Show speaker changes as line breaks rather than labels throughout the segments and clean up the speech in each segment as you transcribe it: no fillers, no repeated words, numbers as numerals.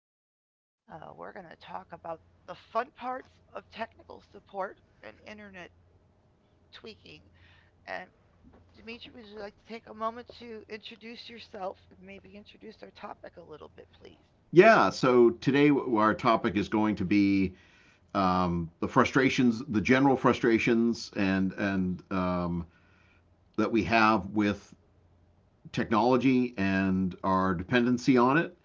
We're going to talk about the fun parts of technical support and internet tweaking. And Dimitri, would you like to take a moment to introduce yourself and maybe introduce our topic a little bit, please?
Yeah, so today our topic is going to be the frustrations, the general frustrations, and that we have with technology and our dependency on it,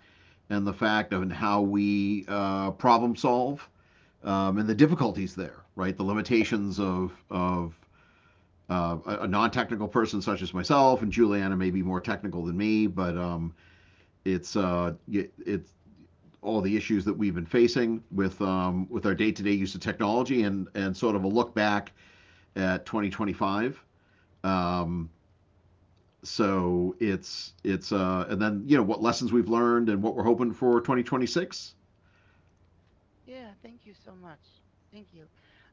and the fact of and how we problem solve, and the difficulties there, right? The limitations of a non-technical person such as myself, and Juliana may be more technical than me, but it's all the issues that we've been facing with our day to day use of technology and sort of a look back at 2025. Um, so it's And then what lessons we've learned and what we're hoping for 2026.
Yeah, thank you so much. Thank you.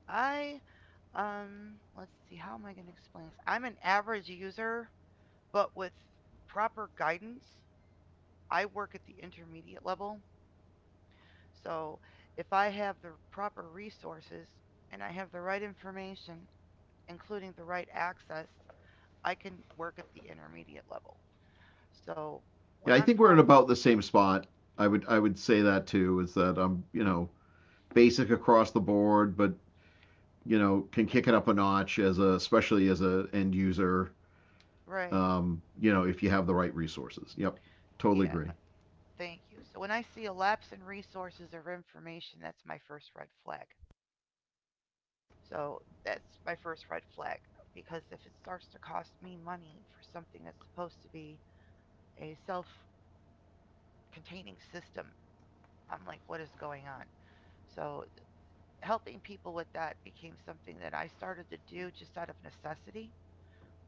I, let's see, how am I going to explain this? I'm an average user, but with proper guidance, I work at the intermediate level. So if I have the proper resources and I have the right information, including the right access, I can work at the intermediate level. So when
Yeah, I
I'm
think we're in
problem,
about the same spot. I would say that too is that I'm basic across the board, but can kick it up a notch as a especially as a end user.
right?
You know if you have the right resources. Yep, totally
Yeah,
agree.
thank you. So when I see a lapse in resources or information, that's my first red flag. So that's my first red flag because if it starts to cost me money for something that's supposed to be a self containing system, I'm like, what is going on? So helping people with that became something that I started to do just out of necessity.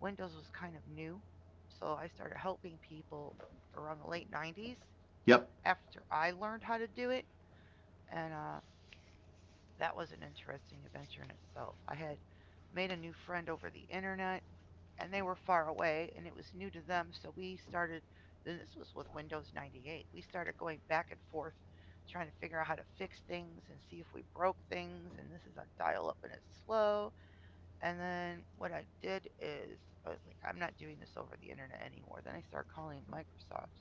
Windows was kind of new, so I started helping people around the late 90s
Yep,
after I learned how to do it. And that was an interesting adventure in itself. I had made a new friend over the internet, and they were far away, and it was new to them, so we started. Then this was with Windows 98. We started going back and forth trying to figure out how to fix things and see if we broke things. And this is on dial up and it's slow. And then what I did is I was like, I'm not doing this over the internet anymore. Then I started calling Microsoft,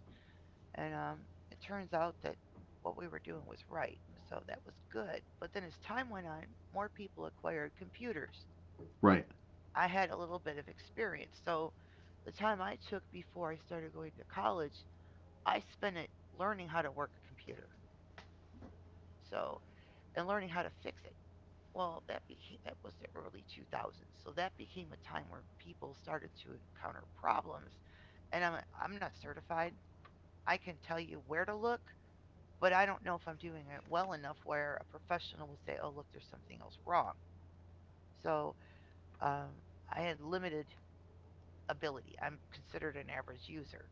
and it turns out that what we were doing was right. So that was good. But then as time went on, more people acquired computers.
right.
I had a little bit of experience. So the time I took before I started going to college, I spent it learning how to work a computer. So, and learning how to fix it. Well, that was the early 2000s. So that became a time where people started to encounter problems. And I'm not certified. I can tell you where to look, but I don't know if I'm doing it well enough where a professional will say, "Oh, look, there's something else wrong." So um, I had limited ability. I'm considered an average user.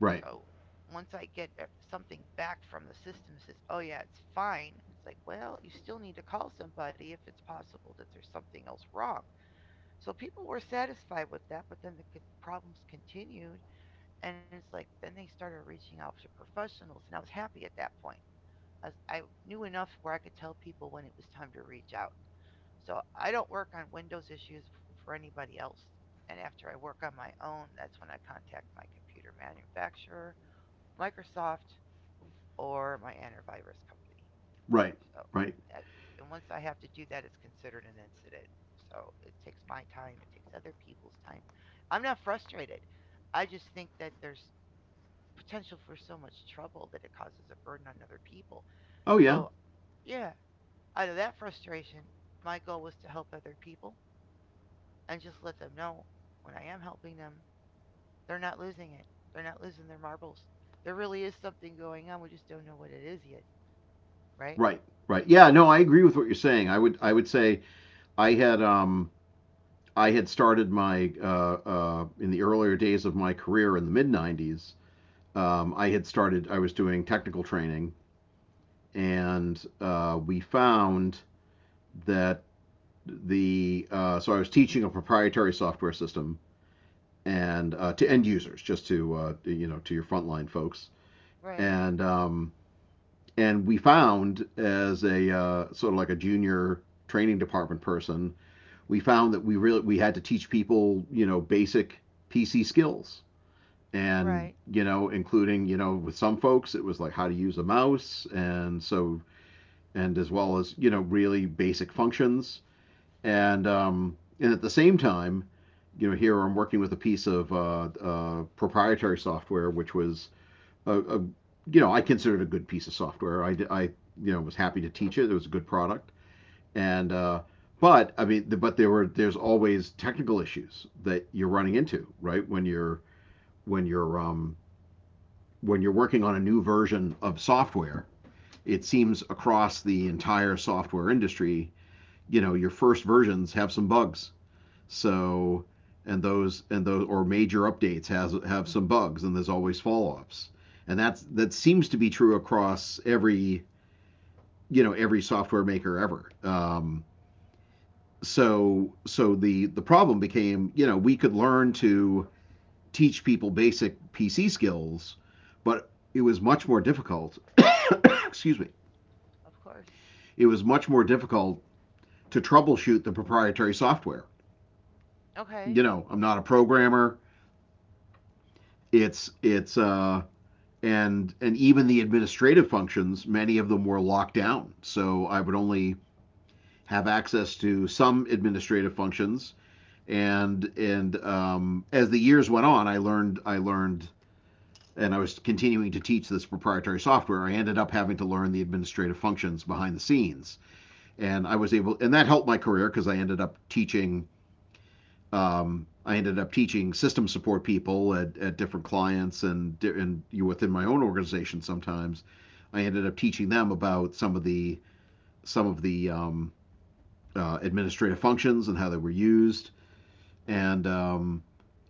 Right.
So once I get something back from the system that says, "Oh yeah, it's fine," it's like, well, you still need to call somebody if it's possible that there's something else wrong. So people were satisfied with that, but then the problems continued, and it's like then they started reaching out to professionals, and I was happy at that point. I knew enough where I could tell people when it was time to reach out. So I don't work on Windows issues for anybody else. And after I work on my own, that's when I contact my computer manufacturer, Microsoft, or my antivirus company.
Right.
So,
Right.
that, and once I have to do that, it's considered an incident. So it takes my time, it takes other people's time. I'm not frustrated. I just think that there's potential for so much trouble that it causes a burden on other people.
Oh yeah.
So, yeah, out of that frustration, my goal was to help other people and just let them know when I am helping them, they're not losing it. They're not losing their marbles. There really is something going on. We just don't know what it is yet. Right?
Right. Right. Yeah, no, I agree with what you're saying. I would say I had um I had started my in the earlier days of my career in the mid 90s. I had started I was doing technical training and we found that the so I was teaching a proprietary software system and to end users just to to your frontline folks
Right.
and um and we found as a sort of like a junior training department person, we found that we really we had to teach people basic PC skills
Right.
and including with some folks it was like how to use a mouse and so and as well as really basic functions and at the same time here I'm working with a piece of proprietary software which was a I considered a good piece of software. I was happy to teach it. It was a good product, and but I mean, but there's always technical issues that you're running into, right? When you're um, when you're working on a new version of software, it seems across the entire software industry, you know, your first versions have some bugs, so, and those or major updates has have some bugs, and there's always follow-ups, and that seems to be true across every every software maker ever. So the problem became we could learn to teach people basic PC skills, but it was much more difficult. Excuse me.
Of course.
It was much more difficult to troubleshoot the proprietary software. You
Okay.
know, I'm not a programmer. It's And even the administrative functions, many of them were locked down. So I would only have access to some administrative functions. And as the years went on, I learned, and I was continuing to teach this proprietary software. I ended up having to learn the administrative functions behind the scenes, and I was able, and that helped my career because I ended up teaching I ended up teaching system support people at different clients and you within my own organization. Sometimes I ended up teaching them about some of the administrative functions and how they were used, and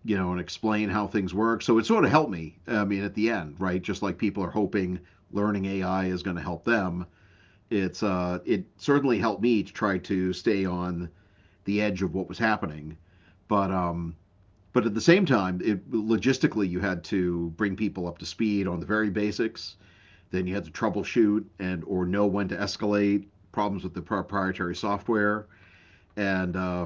you know, and explain how things work. So it sort of helped me. I mean, at the end, right? Just like people are hoping learning AI is going to help them. It's it certainly helped me to try to stay on the edge of what was happening, but um, but at the same time, it, logistically, you had to bring people up to speed on the very basics. Then you had to troubleshoot and or know when to escalate problems with the proprietary software, and uh,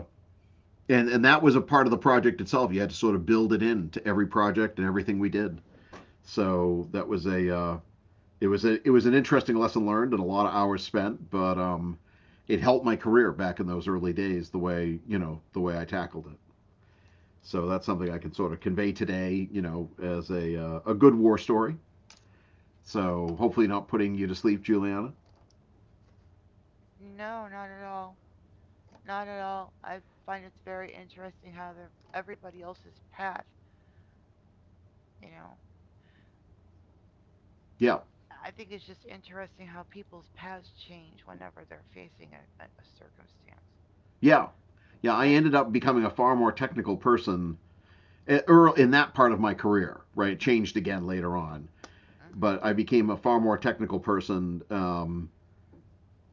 and that was a part of the project itself. You had to sort of build it in to every project and everything we did. So that was a it was a it was an interesting lesson learned and a lot of hours spent, but it helped my career back in those early days. The way the way I tackled it. So that's something I can sort of convey today, you know, as a good war story. So hopefully not putting you to sleep, Juliana.
No, not at all. Not at all. I find it's very interesting how the, everybody else's path, you know,
Yeah,
I think it's just interesting how people's paths change whenever they're facing a circumstance.
yeah, yeah. I
That's
ended up becoming a far more technical person in that part of my career. Right, it changed again later on,
mhm.
but I became a far more technical person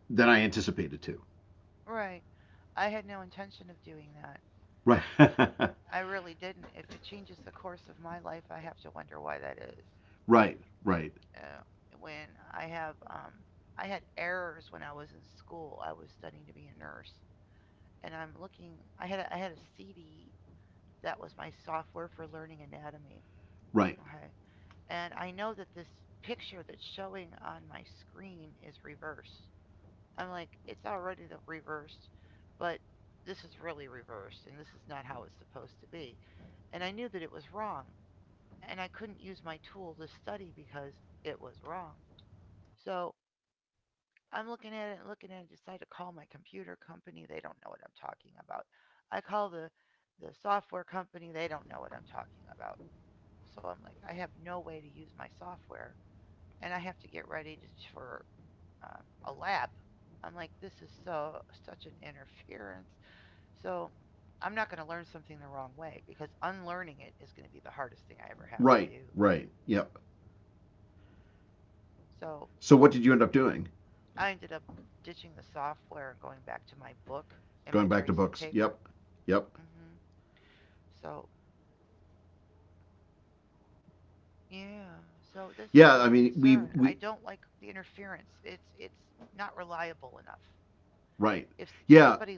than I anticipated to.
Right. I had no intention of doing that.
Right, right,
I really didn't. If it changes the course of my life, I have to wonder why that is.
right,
So, uh, when I have, um, I had errors when I was in school. I was studying to be a nurse, and I'm looking. I had a CD that was my software for learning anatomy.
right,
Okay, and I know that this picture that's showing on my screen is reversed. I'm like, it's already the reversed, but this is really reversed, and this is not how it's supposed to be. And I knew that it was wrong, and I couldn't use my tool to study because it was wrong. So I'm looking at it and looking at it, decide to call my computer company. They don't know what I'm talking about. I call the software company. They don't know what I'm talking about. So I'm like, I have no way to use my software, and I have to get ready to, for a lab. I'm like, this is so such an interference. So I'm not going to learn something the wrong way because unlearning it is going to be the hardest thing I ever have to
right,
do.
right. Yep.
So
So what did you end up doing?
I ended up ditching the software and going back to my book and my
Going back to
tracing
books.
paper.
Yep, yep.
Hmm. So yeah, so this is
Yeah,
my
I mean, we
concern. I
we
don't like the interference. It's not reliable enough.
Right.
If s-
Yeah.
somebody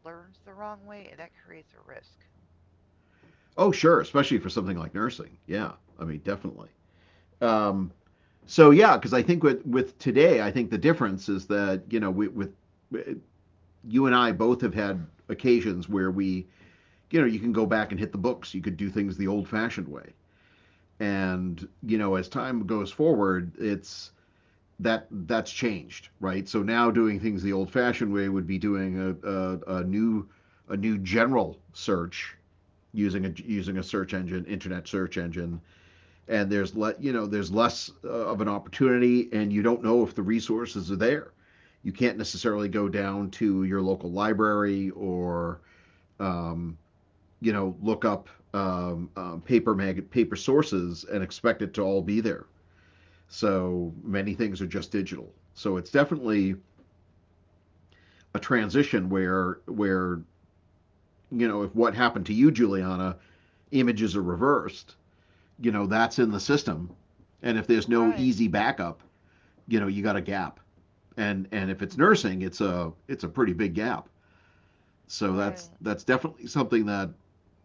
learns the wrong way, that creates a risk.
Oh, sure. Especially for something like nursing. Yeah. I mean, definitely. Um, so yeah, because I think with today, I think the difference is that we, with you and I both have had occasions where we you can go back and hit the books. You could do things the old-fashioned way, and you know as time goes forward, it's that's changed, right? So now doing things the old-fashioned way would be doing a new a new general search using a using a search engine, internet search engine, and you know there's less of an opportunity, and you don't know if the resources are there. You can't necessarily go down to your local library or um, you know look up paper sources and expect it to all be there. So many things are just digital. So it's definitely a transition where you know if what happened to you, Juliana, images are reversed you know that's in the system, and if there's no
Right.
easy backup, you know you got a gap, and
r-
if it's nursing, it's a pretty big gap. So
Right.
that's definitely something that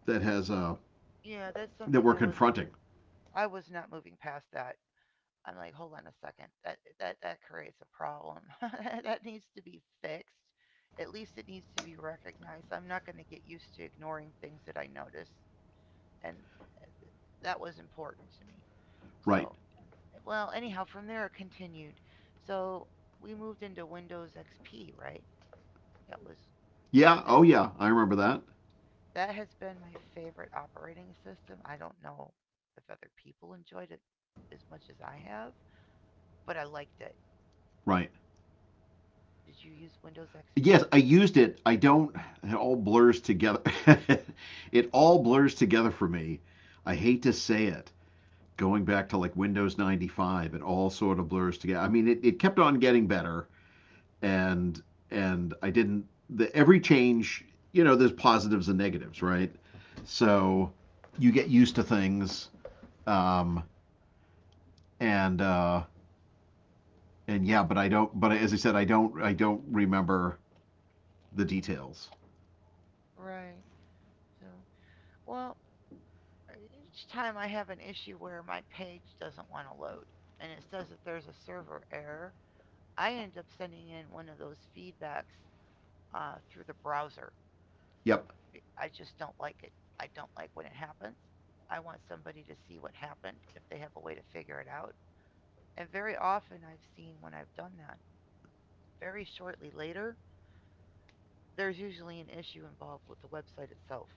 that has
Yeah, that's
that
something
we're confronting.
I was not moving past that. I'm like, hold on a second. That creates a problem. That needs to be fixed. At least it needs to be recognized. I'm not going to get used to ignoring things that I notice and uh, th- that was important to me.
Right.
So well, anyhow, from there it continued. So we moved into Windows XP, right? That was that
Yeah.
was
Oh yeah. I
actually
remember that.
that has been my favorite operating system. I don't know if other people enjoyed it as much as I have, but I liked it.
Right.
Did you use Windows
Yes,
XP?
I used it. I don't. It all blurs together. It all blurs together for me. I hate to say it. Going back to like Windows 95, it all sort of blurs together. I mean, it kept on getting better and and I didn't. The, every change, you know, there's positives and negatives, right? So you get used to things, um, and uh, and yeah, but I don't. But as I said, I don't. I don't remember the details.
Right. So, well, each time I have an issue where my page doesn't want to load and it says that there's a server error, I end up sending in one of those feedbacks through the browser.
Yep.
I just don't like it. I don't like when it happens. I want somebody to see what happened if they have a way to figure it out. And very often I've seen when I've done that, very shortly later, there's usually an issue involved with the website itself.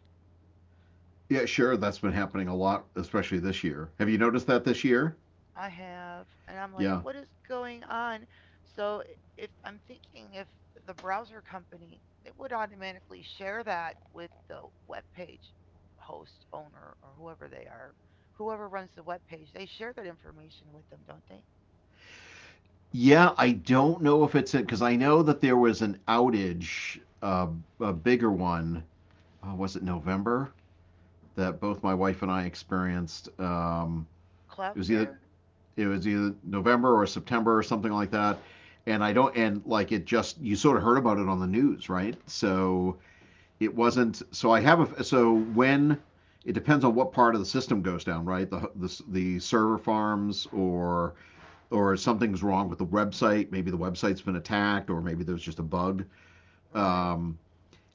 Yeah, sure. That's been happening a lot, especially this year. Have you noticed that this year?
I have, and I'm like,
Yeah.
what is going on? So if I'm thinking if the browser company, it would automatically share that with the web page host, owner, or whoever they are, whoever runs the web page, they share that information with them, don't they?
Yeah, I don't know if it's in because I know that there was an outage, a bigger one. Was it November? That both my wife and I experienced. It was either
Cloudflare?
it was either November or September or something like that. And I don't and like it just you sort of heard about it on the news, right? So it wasn't so I have a so when it depends on what part of the system goes down, right? The server farms, or something's wrong with the website. Maybe the website's been attacked, or maybe there's just a bug.
Right,
Um,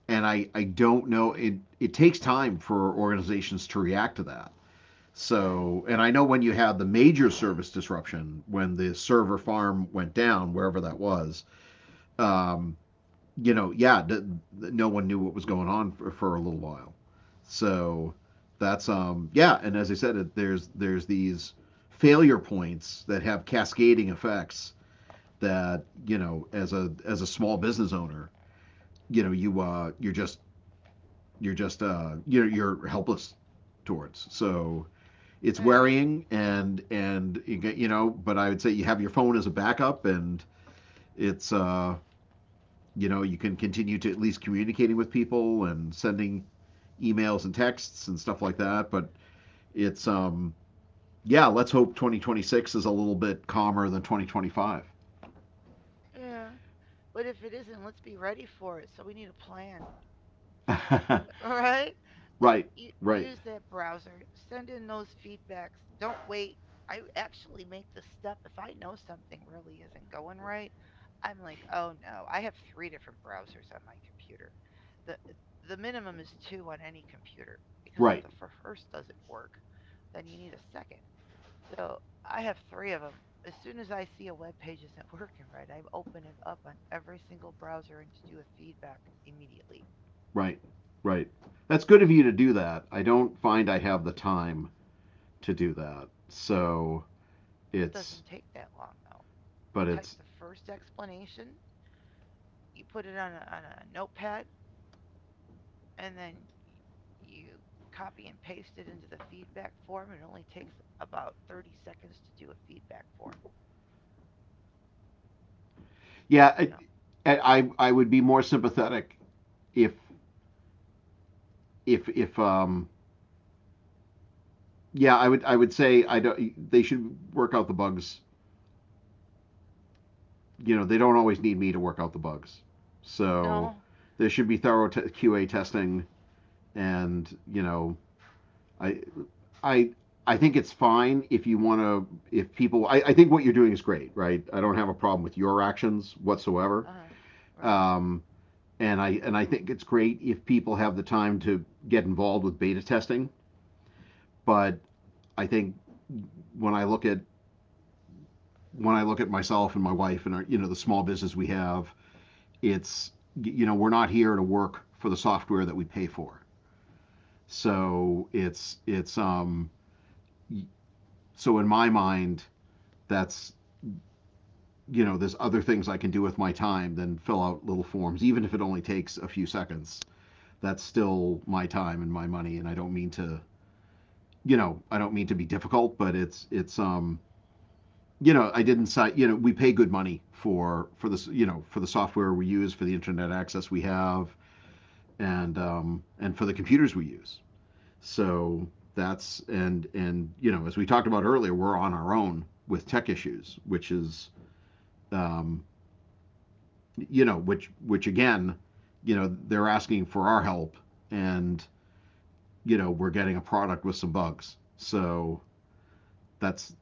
and I don't know. It takes time for organizations to react to that.
right.
So, and I know when you had the major service disruption, when the server farm went down, wherever that was, um, you know, yeah, no one knew what was going on for a little while. So that's yeah, and as I said, it, there's these failure points that have cascading effects that you know, as a small business owner, you know, you you're just you're helpless towards. So it's
Yeah,
worrying and you know but I would say you have your phone as a backup and it's you know you can continue to at least communicating with people and sending emails and texts and stuff like that but it's yeah let's hope 2026 is a little bit calmer than 2025.
yeah. But if it isn't, let's be ready for it. So we need a plan, right? Like,
Right, right,
use that browser, send in those feedbacks. Don't wait. I actually make the step. If I know something really isn't going right, I'm like, oh no, I have three different browsers on my computer. The, the minimum is two on any computer because if
right,
the first doesn't work, then you need a second. So I have three of them. As soon as I see a web page isn't working right, I open it up on every single browser and to do a feedback immediately.
right, right. That's good of you to do that. I don't find I have the time to do that so
It
it's
doesn't take that long though. You
but
type
it's
the first explanation, you put it on on a notepad, and then you copy and paste it into the feedback form. It only takes about 30 seconds to do a feedback form.
Yeah,
No,
I would be more sympathetic if if if um yeah I would say I don't they should work out the bugs. They don't always need me to work out the bugs, so
no,
there should be
uh,
thorough QA testing. And you know I I I think it's fine if you want to if people I think what you're doing is great, right? I don't have a problem with your actions whatsoever.
uh, right.
Um, and I think it's great if people have the time to get involved with beta testing, but I think when I look at when I look at myself and my wife and our the small business we have, it's you know we're not here to work for the software that we pay for. So it's so in my mind, that's you know there's other things I can do with my time than fill out little forms, even if it only takes a few seconds. That's still my time and my money, and I don't mean to be difficult, but I didn't sign. You know, we pay good money for this. You know, for the software we use, for the internet access we have, and for the computers we use. So that's and you know, as we talked about earlier, we're on our own with tech issues, which is um, you know, which again, you know, they're asking for our help, and you know, we're getting a product with some bugs. So that's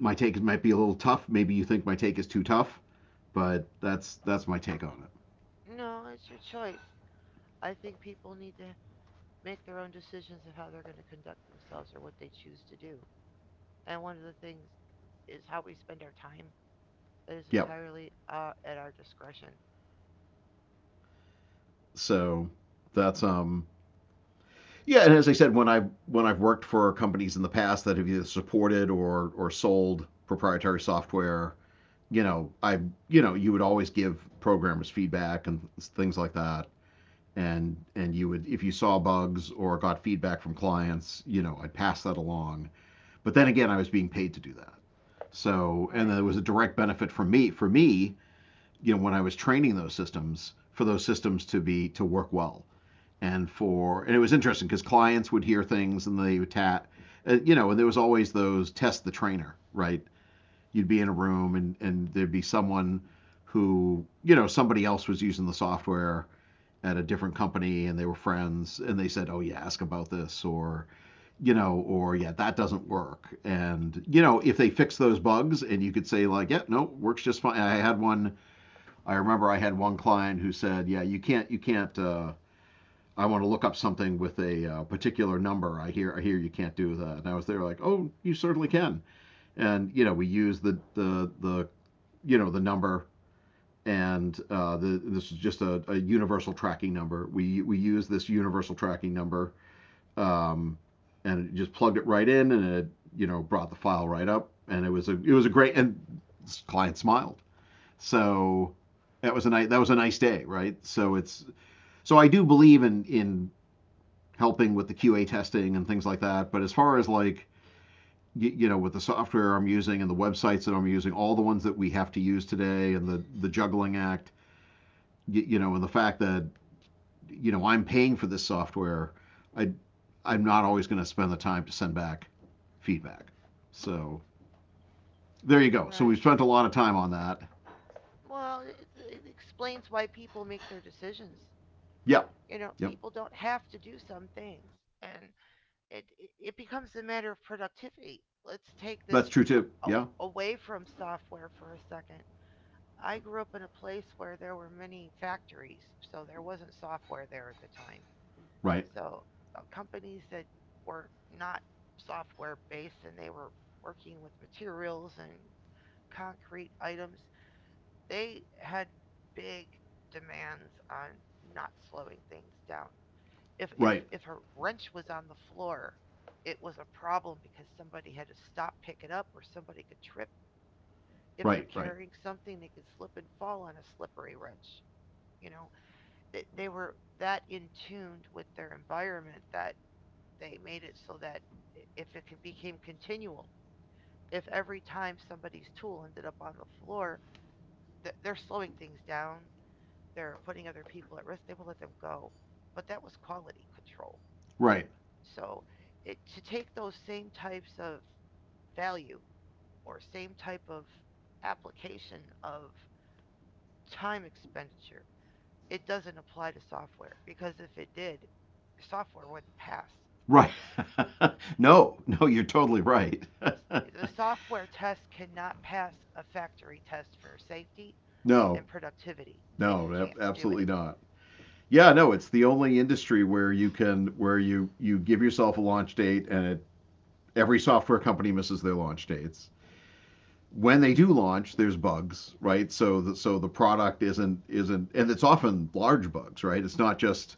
my take might be a little tough. Maybe you think my take is too tough, but that's my take on it.
No, it's your choice. I think people need to make their own decisions of how they're going to conduct themselves or what they choose to do. And one of the things is how we spend our time that is
Yep.
entirely at our discretion.
So that's yeah, and as I said, when I've worked for companies in the past that have either supported or sold proprietary software, you know, you would always give programmers feedback and things like that. And you would, if you saw bugs or got feedback from clients, you know, I'd pass that along, but then again, I was being paid to do that. So, and
Right,
there was a direct benefit for me, you know, when I was training those systems, for those systems to be to work well, and for and it was interesting because clients would hear things and they would you know, and there was always those test the trainer, right? You'd be in a room, and there'd be someone who, you know, somebody else was using the software at a different company, and they were friends, and they said, oh yeah, ask about this, or, you know, or yeah, that doesn't work. And, you know, if they fix those bugs, and you could say like, yeah, no, works just fine. I remember I had one client who said, yeah, you can't, I want to look up something with a particular number. I hear you can't do that. And I was there like, oh, you certainly can. And you know, we use the you know the number, and this is just a universal tracking number. We use this universal tracking number, um, and it just plugged it right in, and it brought the file right up, and it was a great. And this client smiled. So that was a nice that was a nice day, right? So it's so I do believe in helping with the QA testing and things like that, but as far as like, you know, with the software I'm using and the websites that I'm using, all the ones that we have to use today, and the juggling act, you know, and the fact that you know I'm paying for this software, I I'm not always going to spend the time to send back feedback. So there you go. So we've
right.
spent a lot of time on that.
Well, it explains why people make their decisions.
Yep,
You know,
yep,
people don't have to do some things, and it it- becomes a matter of productivity. Let's take
that's
this
true too.
a- a-
Yeah,
away from software for a second. I grew up in a place where there were many factories, so there wasn't software there at the time.
right,
So companies that were not software based and they were working with materials and concrete items, they had big demands on not slowing things down. If if
right,
if a wrench was on the floor, it was a problem because somebody had to stop, pick it up, or somebody could trip. If they're
right, right,
carrying something, they could slip and fall on a slippery wrench. You know, they were that in tuned with their environment that they made it so that if it could became continual, if every time somebody's tool ended up on the floor, they're slowing things down, they're putting other people at risk, they will let them go. But that was quality control.
right,
So it to take those same types of value or same type of application of time expenditure, it doesn't apply to software because if it did, software wouldn't pass.
right. No, no, you're totally right.
The software test cannot pass a factory test for safety
No,
and productivity. It
no,
can't do
absolutely
it.
not. Yeah,
So,
no, it's the only industry where you can where you give yourself a launch date, every software company misses their launch dates. When they do launch, there's bugs, right? So so the product isn't, and it's often large bugs, right?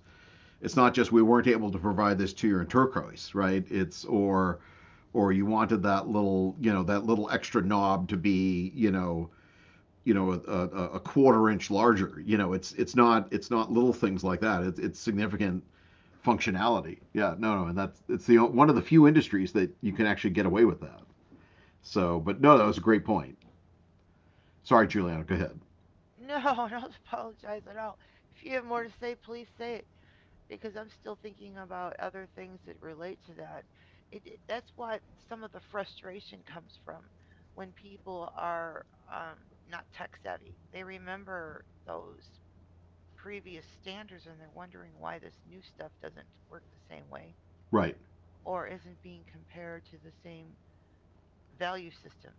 It's not just we weren't able to provide this to you in turquoise, right? It's Or you wanted that little you know that little extra knob to be you know a, a, a quarter inch larger. You know, it's not little things like that. It's significant functionality. Yeah, no, no, and that's it's the one of the few industries that you can actually get away with that. So, but no, that was a great point. Sorry, Juliana, go ahead.
no, don't apologize at all. If you have more to say, please say it because I'm still thinking about other things that relate to that. That's what some of the frustration comes from when people are um, not tech savvy. They remember those previous standards and they're wondering why this new stuff doesn't work the same way
Right.
or isn't being compared to the same value system.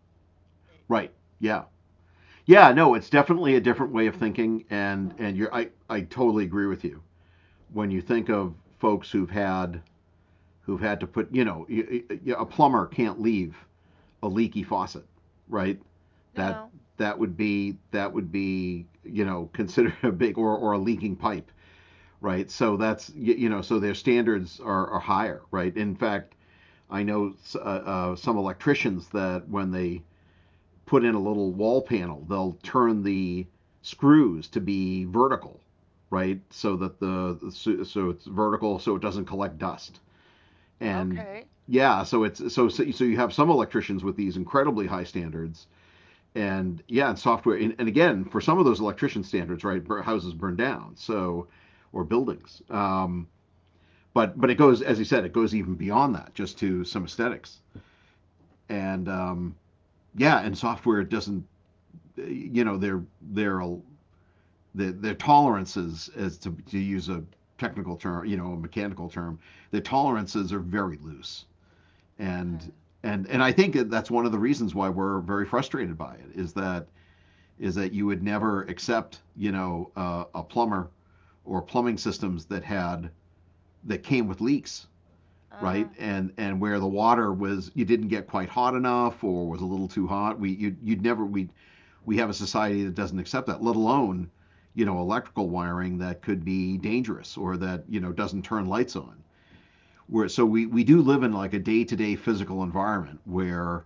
Right. Yeah. Yeah. No, it's definitely a different way of thinking, and you're, I totally agree with you. When you think of folks who've had to put, you know, a plumber can't leave a leaky faucet, right? That
No.
that would be you know considered a big, or a leaking pipe, right? So you know, so their standards are higher, right? In fact, I know some electricians that when they put in a little wall panel, they'll turn the screws to be vertical, right? So that so it's vertical, so it doesn't collect dust. And
Okay.
yeah, so it's so so so you have some electricians with these incredibly high standards, and yeah, and software. And and again, for some of those electrician standards, right, houses burn down, so or buildings. But it goes, as you said, it goes even beyond that, just to some aesthetics. And yeah, and software doesn't you know their their their tolerances, to use a technical term, you know, a mechanical term, their tolerances are very loose. and
Okay.
and and I think that that's one of the reasons why we're very frustrated by it is that you would never accept, you know, a plumber or plumbing systems that had that came with leaks, right?
Uh,
And and where the water, was you didn't get quite hot enough or was a little too hot, we you you'd never, we have a society that doesn't accept that, let alone, you know, electrical wiring that could be dangerous, or that, you know, doesn't turn lights on. Where, so we do live in like a day to day physical environment where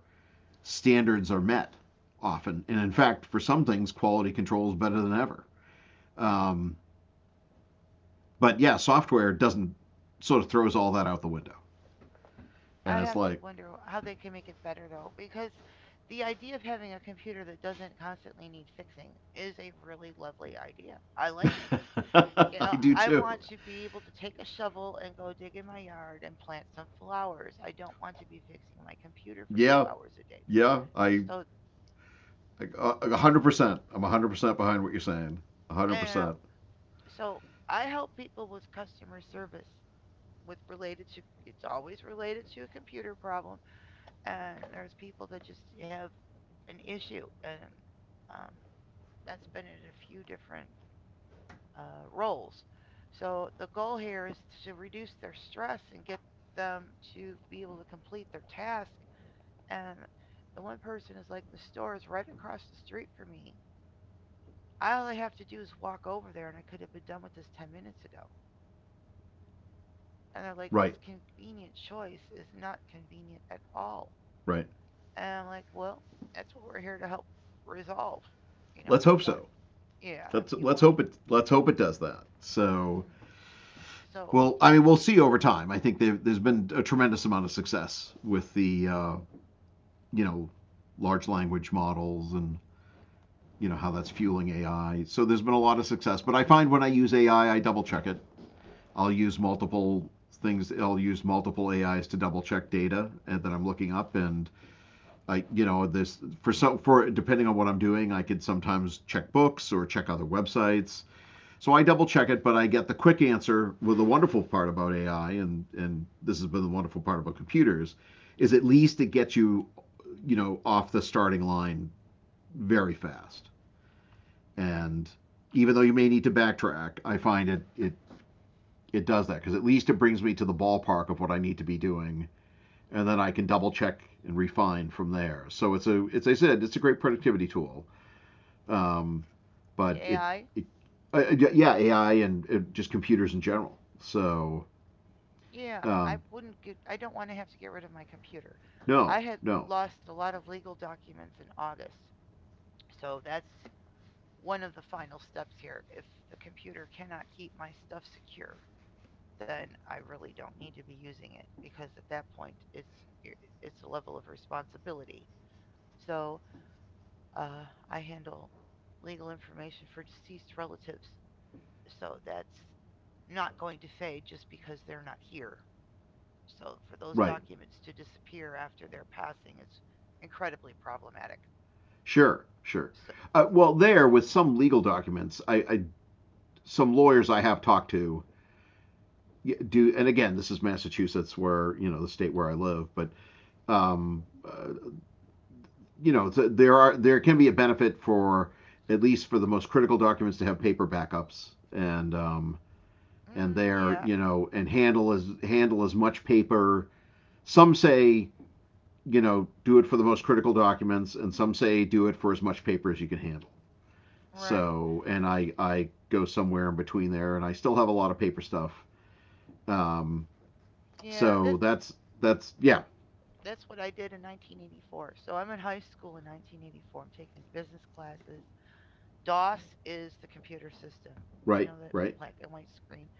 standards are met often. And in fact, for some things, quality control is better than ever. Um, but yeah, software doesn't, sort of throws all that out the window.
I
And it's
have to
like,
wonder how they can make it better though, because the idea of having a computer that doesn't constantly need fixing is a really lovely idea. I like it. You
I
know,
do
I
too.
want to be able to take a shovel and go dig in my yard and plant some flowers. I don't want to be fixing my computer for
Yeah,
2 hours a day.
yeah,
So,
I 100%. I'm 100% behind what you're saying.
you know,
100%.
so I help people with customer service with related to it's always related to a computer problem and there's people that just have an issue and um, that's been in a few different roles so the goal here is to reduce their stress and get them to be able to complete their task and the one person is like the store is right across the street from me. All I have to do is walk over there and I could have been done with this 10 minutes ago, and they're like,
Right,
this convenient choice is not convenient at all.
right.
And I'm like, well, that's what we're here to help resolve. You know,
Let's
if you
hope
want,
so.
yeah, if you
Let's
want it.
hope it, let's hope it does that. So,
hmm So
well, I
it,
mean, we'll see over time. I think has been a tremendous amount of success with the you know, large language models, and you know how that's fueling AI. So there's been a lot of success. But I find when I use AI, I double check it. I'll use multiple things. I'll use multiple AIs to double check data that I'm looking up. And you know, this for so for depending on what I'm doing, I could sometimes check books or check other websites. So I double check it, but I get the quick answer. With the wonderful part about AI, and this has been the wonderful part about computers, is at least it gets you, you know, off the starting line very fast.
hmm
And even though you may need to backtrack, I find it does that because at least it brings me to the ballpark of what I need to be doing, and then I can double check and refine from there. So it's a it's, as I said, it's a great productivity tool. Um,
the
but it,
AI,
it yeah, AI and just computers in general. So
yeah, I
um,
wouldn't get, I don't want to have to get rid of my computer.
no,
I had
no,
lost a lot of legal documents in August. So that's one of the final steps here. If the computer cannot keep my stuff secure, then I really don't need to be using it because at that point it's a level of responsibility. So uh, I handle legal information for deceased relatives, so that's not going to fade just because they're not here. So for those
right,
documents to disappear after their passing is incredibly problematic.
sure, sure.
So,
Well, there with some legal documents, I, some lawyers I have talked to do, and again, this is Massachusetts, where you know the state where I live, but um, uh, you know there can be a benefit for, at least for the most critical documents, to have paper backups, and
mm,
there
yeah,
you know, and handle as much paper, some say, you know, do it for the most critical documents, and some say do it for as much paper as you can handle.
right.
So, and I go somewhere in between there, and I still have a lot of paper stuff. Um,
Yeah,
so
this,
that's yeah,
that's what I did in 1984. So I'm in high school in 1984. I'm taking business classes. DOS is the computer system. You
right,
know, that
right,
black and white screen.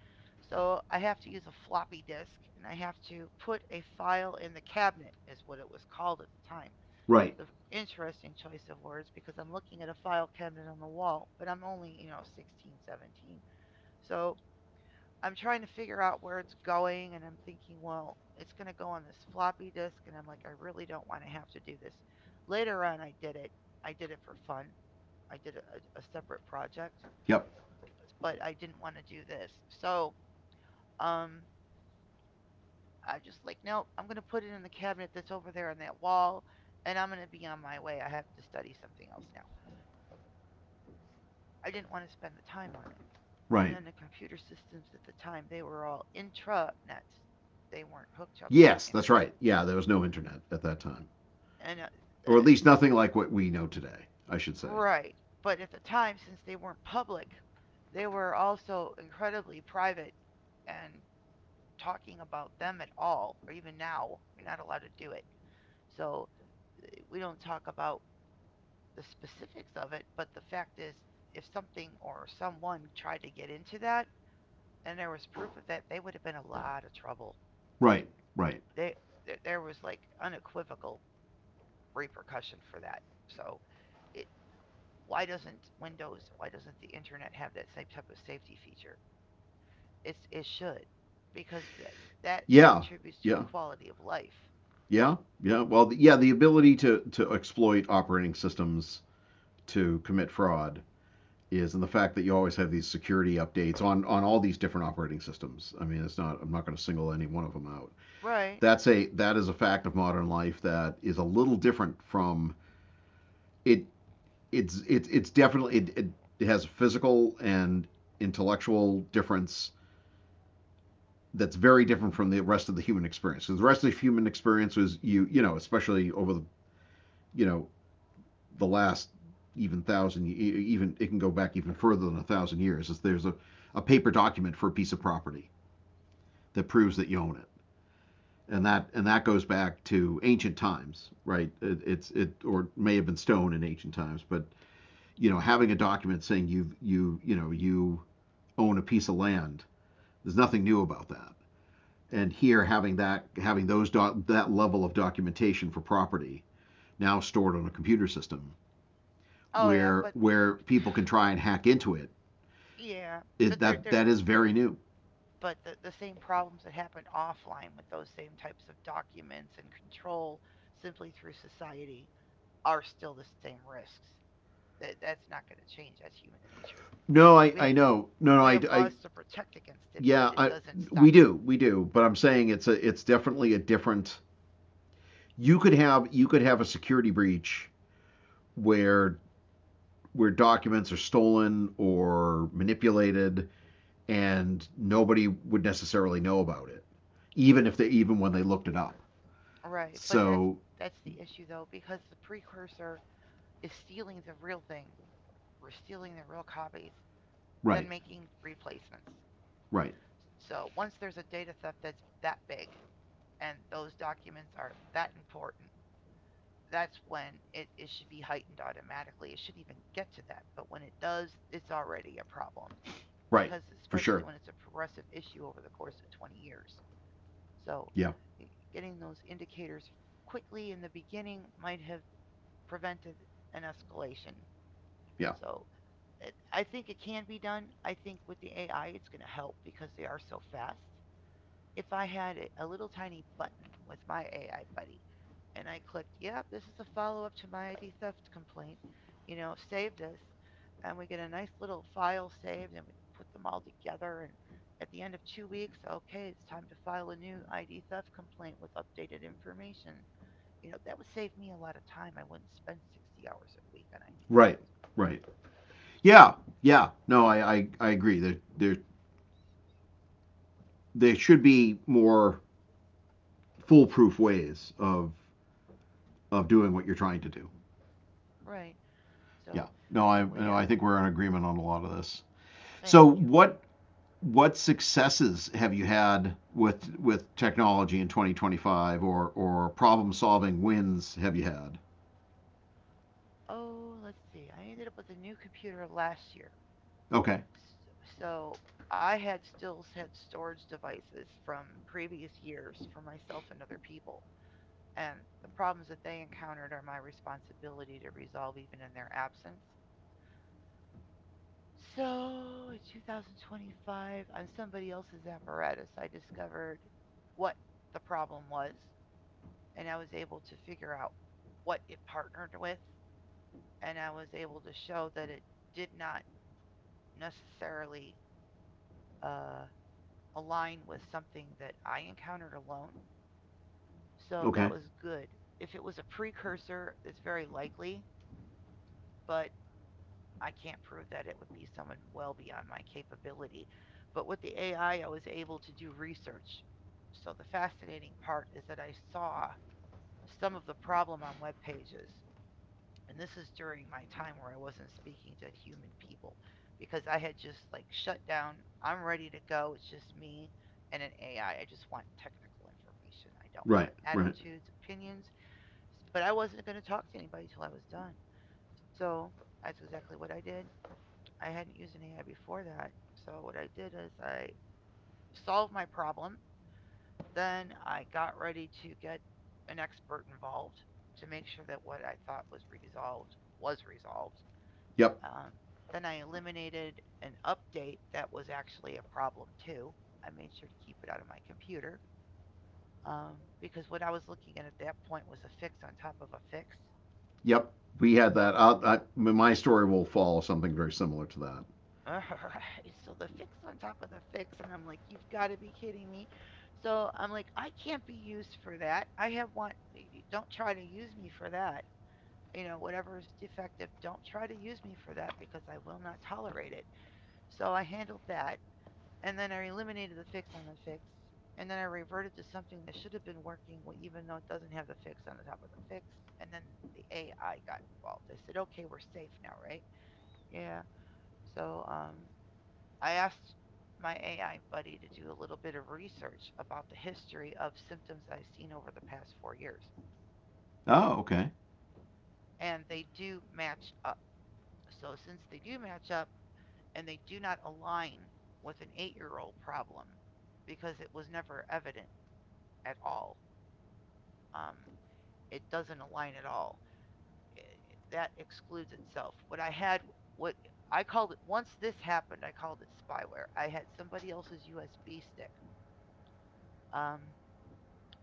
So I have to use a floppy disk, and I have to put a file in the cabinet, is what it was called at the time.
right.
The interesting choice of words because I'm looking at a file cabinet on the wall, but I'm only, you know, 16, 17. So I'm trying to figure out where it's going, and I'm thinking, well, it's going to go on this floppy disk, and I'm like, I really don't want to have to do this. Later on, I did it. I did it for fun. I did a separate project,
Yep,
but I didn't want to do this. So um, I just like, nope, I'm going to put it in the cabinet that's over there on that wall, and I'm going to be on my way. I have to study something else now. I didn't want to spend the time on it. And
right.
then the computer systems at the time, they were all intranets. They weren't hooked up to an
Yes, that's
internet.
right. Yeah, there was no internet at that time,
And
or at least nothing like what we know today, I should say.
right, but at the time, since they weren't public, they were also incredibly private, and talking about them at all, or even now, you're not allowed to do it. So we don't talk about the specifics of it, but the fact is, if something or someone tried to get into that and there was proof of that, they would have been a lot of trouble.
Right, right.
They there was like unequivocal repercussion for that. So, it why doesn't Windows, why doesn't the internet have that same type of safety feature? It should, because that
Yeah,
contributes to a
yeah,
quality of life.
yeah, yeah. Well, the ability to exploit operating systems to commit fraud is and the fact that you always have these security updates on all these different operating systems. I mean, it's not I'm not going to single any one of them out.
Right.
That is a fact of modern life that is a little different from it. It's definitely it has a physical and intellectual difference that's very different from the rest of the human experience. Because the rest of the human experience was especially over the you know the last, even thousand even it can go back even further than a thousand years, is there's a paper document for a piece of property that proves that you own it. And that goes back to ancient times, right? It or may have been stone in ancient times, but having a document saying you own a piece of land, there's nothing new about that. And here, having that having those that level of documentation for property now stored on a computer system,
Oh
where people can try and hack into it,
yeah, but they're they're
that is very new.
but the same problems that happened offline with those same types of documents and control simply through society are still the same risks. That's not going to change. That's human nature.
No,
We
I know. No, no,
we have laws to protect against it, but
yeah,
it doesn't stop
we
it.
do, we do. But I'm saying it's it's definitely a different. You could have a security breach where where documents are stolen or manipulated, and nobody would necessarily know about it, even if they, even when they looked it up.
Right, but that's
So
that's the issue though, because the precursor is stealing the real thing. We're stealing the real copies, then
right,
making replacements.
right,
So once there's a data theft that's that big, and those documents are that important, that's when it should be heightened automatically. It shouldn't even get to that. But when it does, it's already a problem.
right,
Because
for
especially
sure.
when it's a progressive issue over the course of 20 years. So
Yeah,
getting those indicators quickly in the beginning might have prevented an escalation.
yeah,
So I think it can be done. I think with the AI, it's going to help because they are so fast. If I had a little tiny button with my AI buddy and I clicked, yep, this is a follow up to my ID theft complaint. You know, save this. And we get a nice little file saved and we put them all together. And at the end of 2 weeks, okay, it's time to file a new ID theft complaint with updated information. You know, that would save me a lot of time. I wouldn't spend 60 hours a week on ID theft.
right, right. Yeah, yeah. No, I agree. There should be more foolproof ways of doing what you're trying to do.
Right.
Yeah.
So
No, I
we
no,
have,
I think we're in agreement on a lot of this. So
thank you.
what successes have you had with technology in 2025 or problem solving wins have you had?
Oh, let's see. I ended up with a new computer last year.
Okay.
So I had still had storage devices from previous years for myself and other people. And the problems that they encountered are my responsibility to resolve even in their absence. So in 2025, on somebody else's apparatus, I discovered what the problem was, and I was able to figure out what it partnered with, and I was able to show that it did not necessarily uh, align with something that I encountered alone. So that
Okay.
was good. If it was a precursor, it's very likely, but I can't prove that. It would be someone well beyond my capability. But with the AI, I was able to do research. So the fascinating part is that I saw some of the problem on web pages, and this is during my time where I wasn't speaking to human people because I had just like shut down. I'm ready to go. It's just me and an AI. I just want technical information. I don't want
Right. Right.
attitudes, opinions, but I wasn't going to talk to anybody till I was done. So that's exactly what I did. I hadn't used an AI before that. So what I did is I solved my problem. Then I got ready to get an expert involved to make sure that what I thought was resolved was resolved,
Yep.
um, then I eliminated an update that was actually a problem too. I made sure to keep it out of my computer because what I was looking at that point was a fix on top of a fix.
Yep. We had
So,
that. My story will follow something very similar to that.
uh, so the fix on top of the fix, and I'm like, you've got to be kidding me. So I'm like, I can't be used for that. I have one. Don't try to use me for that. You know, whatever is defective, don't try to use me for that because I will not tolerate it. So I handled that, and then I eliminated the fix on the fix, and then I reverted to something that should have been working, even though it doesn't have the fix on the top of the fix. And then the AI got involved. I said, "Okay, we're safe now, right?" Yeah. So I asked my AI buddy to do a little bit of research about the history of symptoms I've seen over the past 4 years,
Oh, okay.
and they do match up. So since they do match up, and they do not align with an eight-year-old problem because it was never evident at all. Um, it doesn't align at all. I That excludes itself. What I had, what I called it, once this happened, I called it spyware. I had somebody else's USB stick. Um,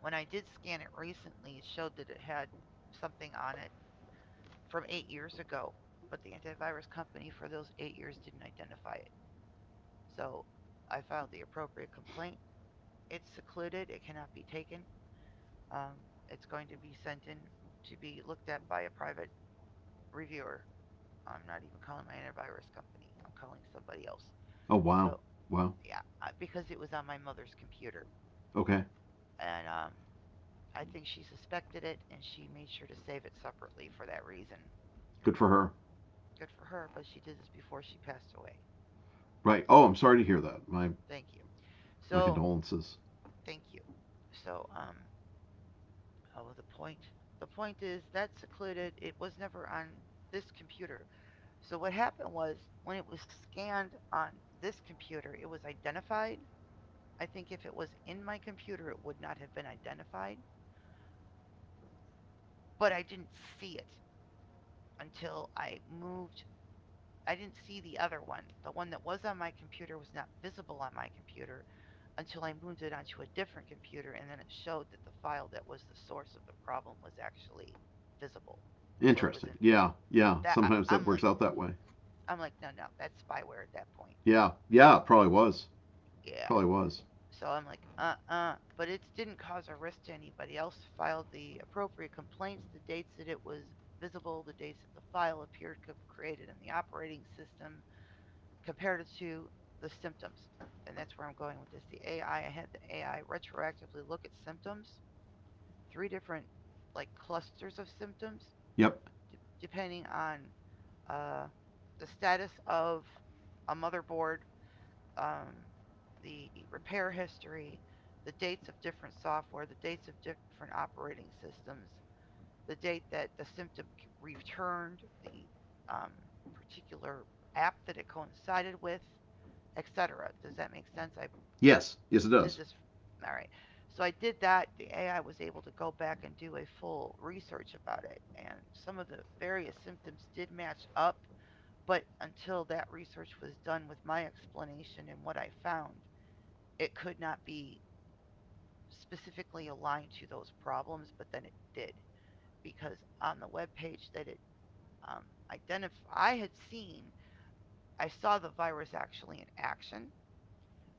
when I did scan it recently, it showed that it had something on it from 8 years ago, but the antivirus company for those 8 years didn't identify it. So I filed the appropriate complaint. It's secluded, it cannot be taken. It's going to be sent in to be looked at by a private reviewer. I'm not even calling my antivirus company. I'm calling somebody else.
Oh, wow.
So
Wow.
yeah, because it was on my mother's computer,
Okay.
and I think she suspected it, and she made sure to save it separately for that reason.
Good for her.
Good for her, but she did this before she passed away.
Right. Oh, I'm sorry to hear that. My
Thank you.
my
So
condolences.
thank you. So oh, the point. The point is that secluded. It was never on this computer. So what happened was when it was scanned on this computer, it was identified. I think if it was in my computer, it would not have been identified, but I didn't see it until I moved. I didn't see the other one. The one that was on my computer was not visible on my computer until I moved it onto a different computer, and then it showed that the file that was the source of the problem was actually visible. So it was
Interesting.
in
Yeah, yeah.
that.
Sometimes that works out that way.
I'm like, no, no, that's spyware at that point.
Yeah, yeah. It probably was.
Yeah,
Probably was.
so I'm like, but it didn't cause a risk to anybody else. Filed the appropriate complaints, the dates that it was visible, the dates that the file appeared created in the operating system, compared it to the symptoms. And that's where I'm going with this. The AI, I had the AI retroactively look at symptoms, three different like clusters of symptoms,
Yep.
depending on uh, the status of a motherboard, um, the repair history, the dates of different software, the dates of different operating systems, the date that the symptom returned, the um, particular app that it coincided with, etc. Does that make sense? I
Yes. Yes, it
did
does.
this. All right. So I did that. The AI was able to go back and do a full research about it, and some of the various symptoms did match up. But until that research was done with my explanation and what I found, it could not be specifically aligned to those problems, but then it did because on the web page that it, um, I had seen, I saw the virus actually in action.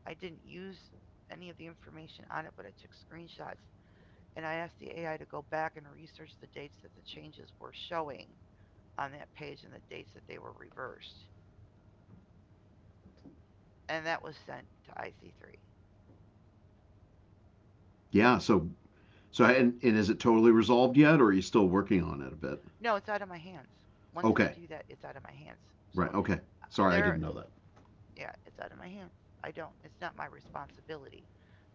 I didn't use any of the information on it, but I took screenshots and I asked the AI to go back and research the dates that the changes were showing on that page and the dates that they were reversed. And that was sent to IC3.
Yeah. So, so, and is it totally resolved yet, or are you still working on it a bit?
No, it's out of my hands. Once I
Okay.
do that, it's out of my hands.
Right.
So
Okay. Sorry, I
there,
didn't know that.
yeah, it's out of my hands. I don't. It's not my responsibility.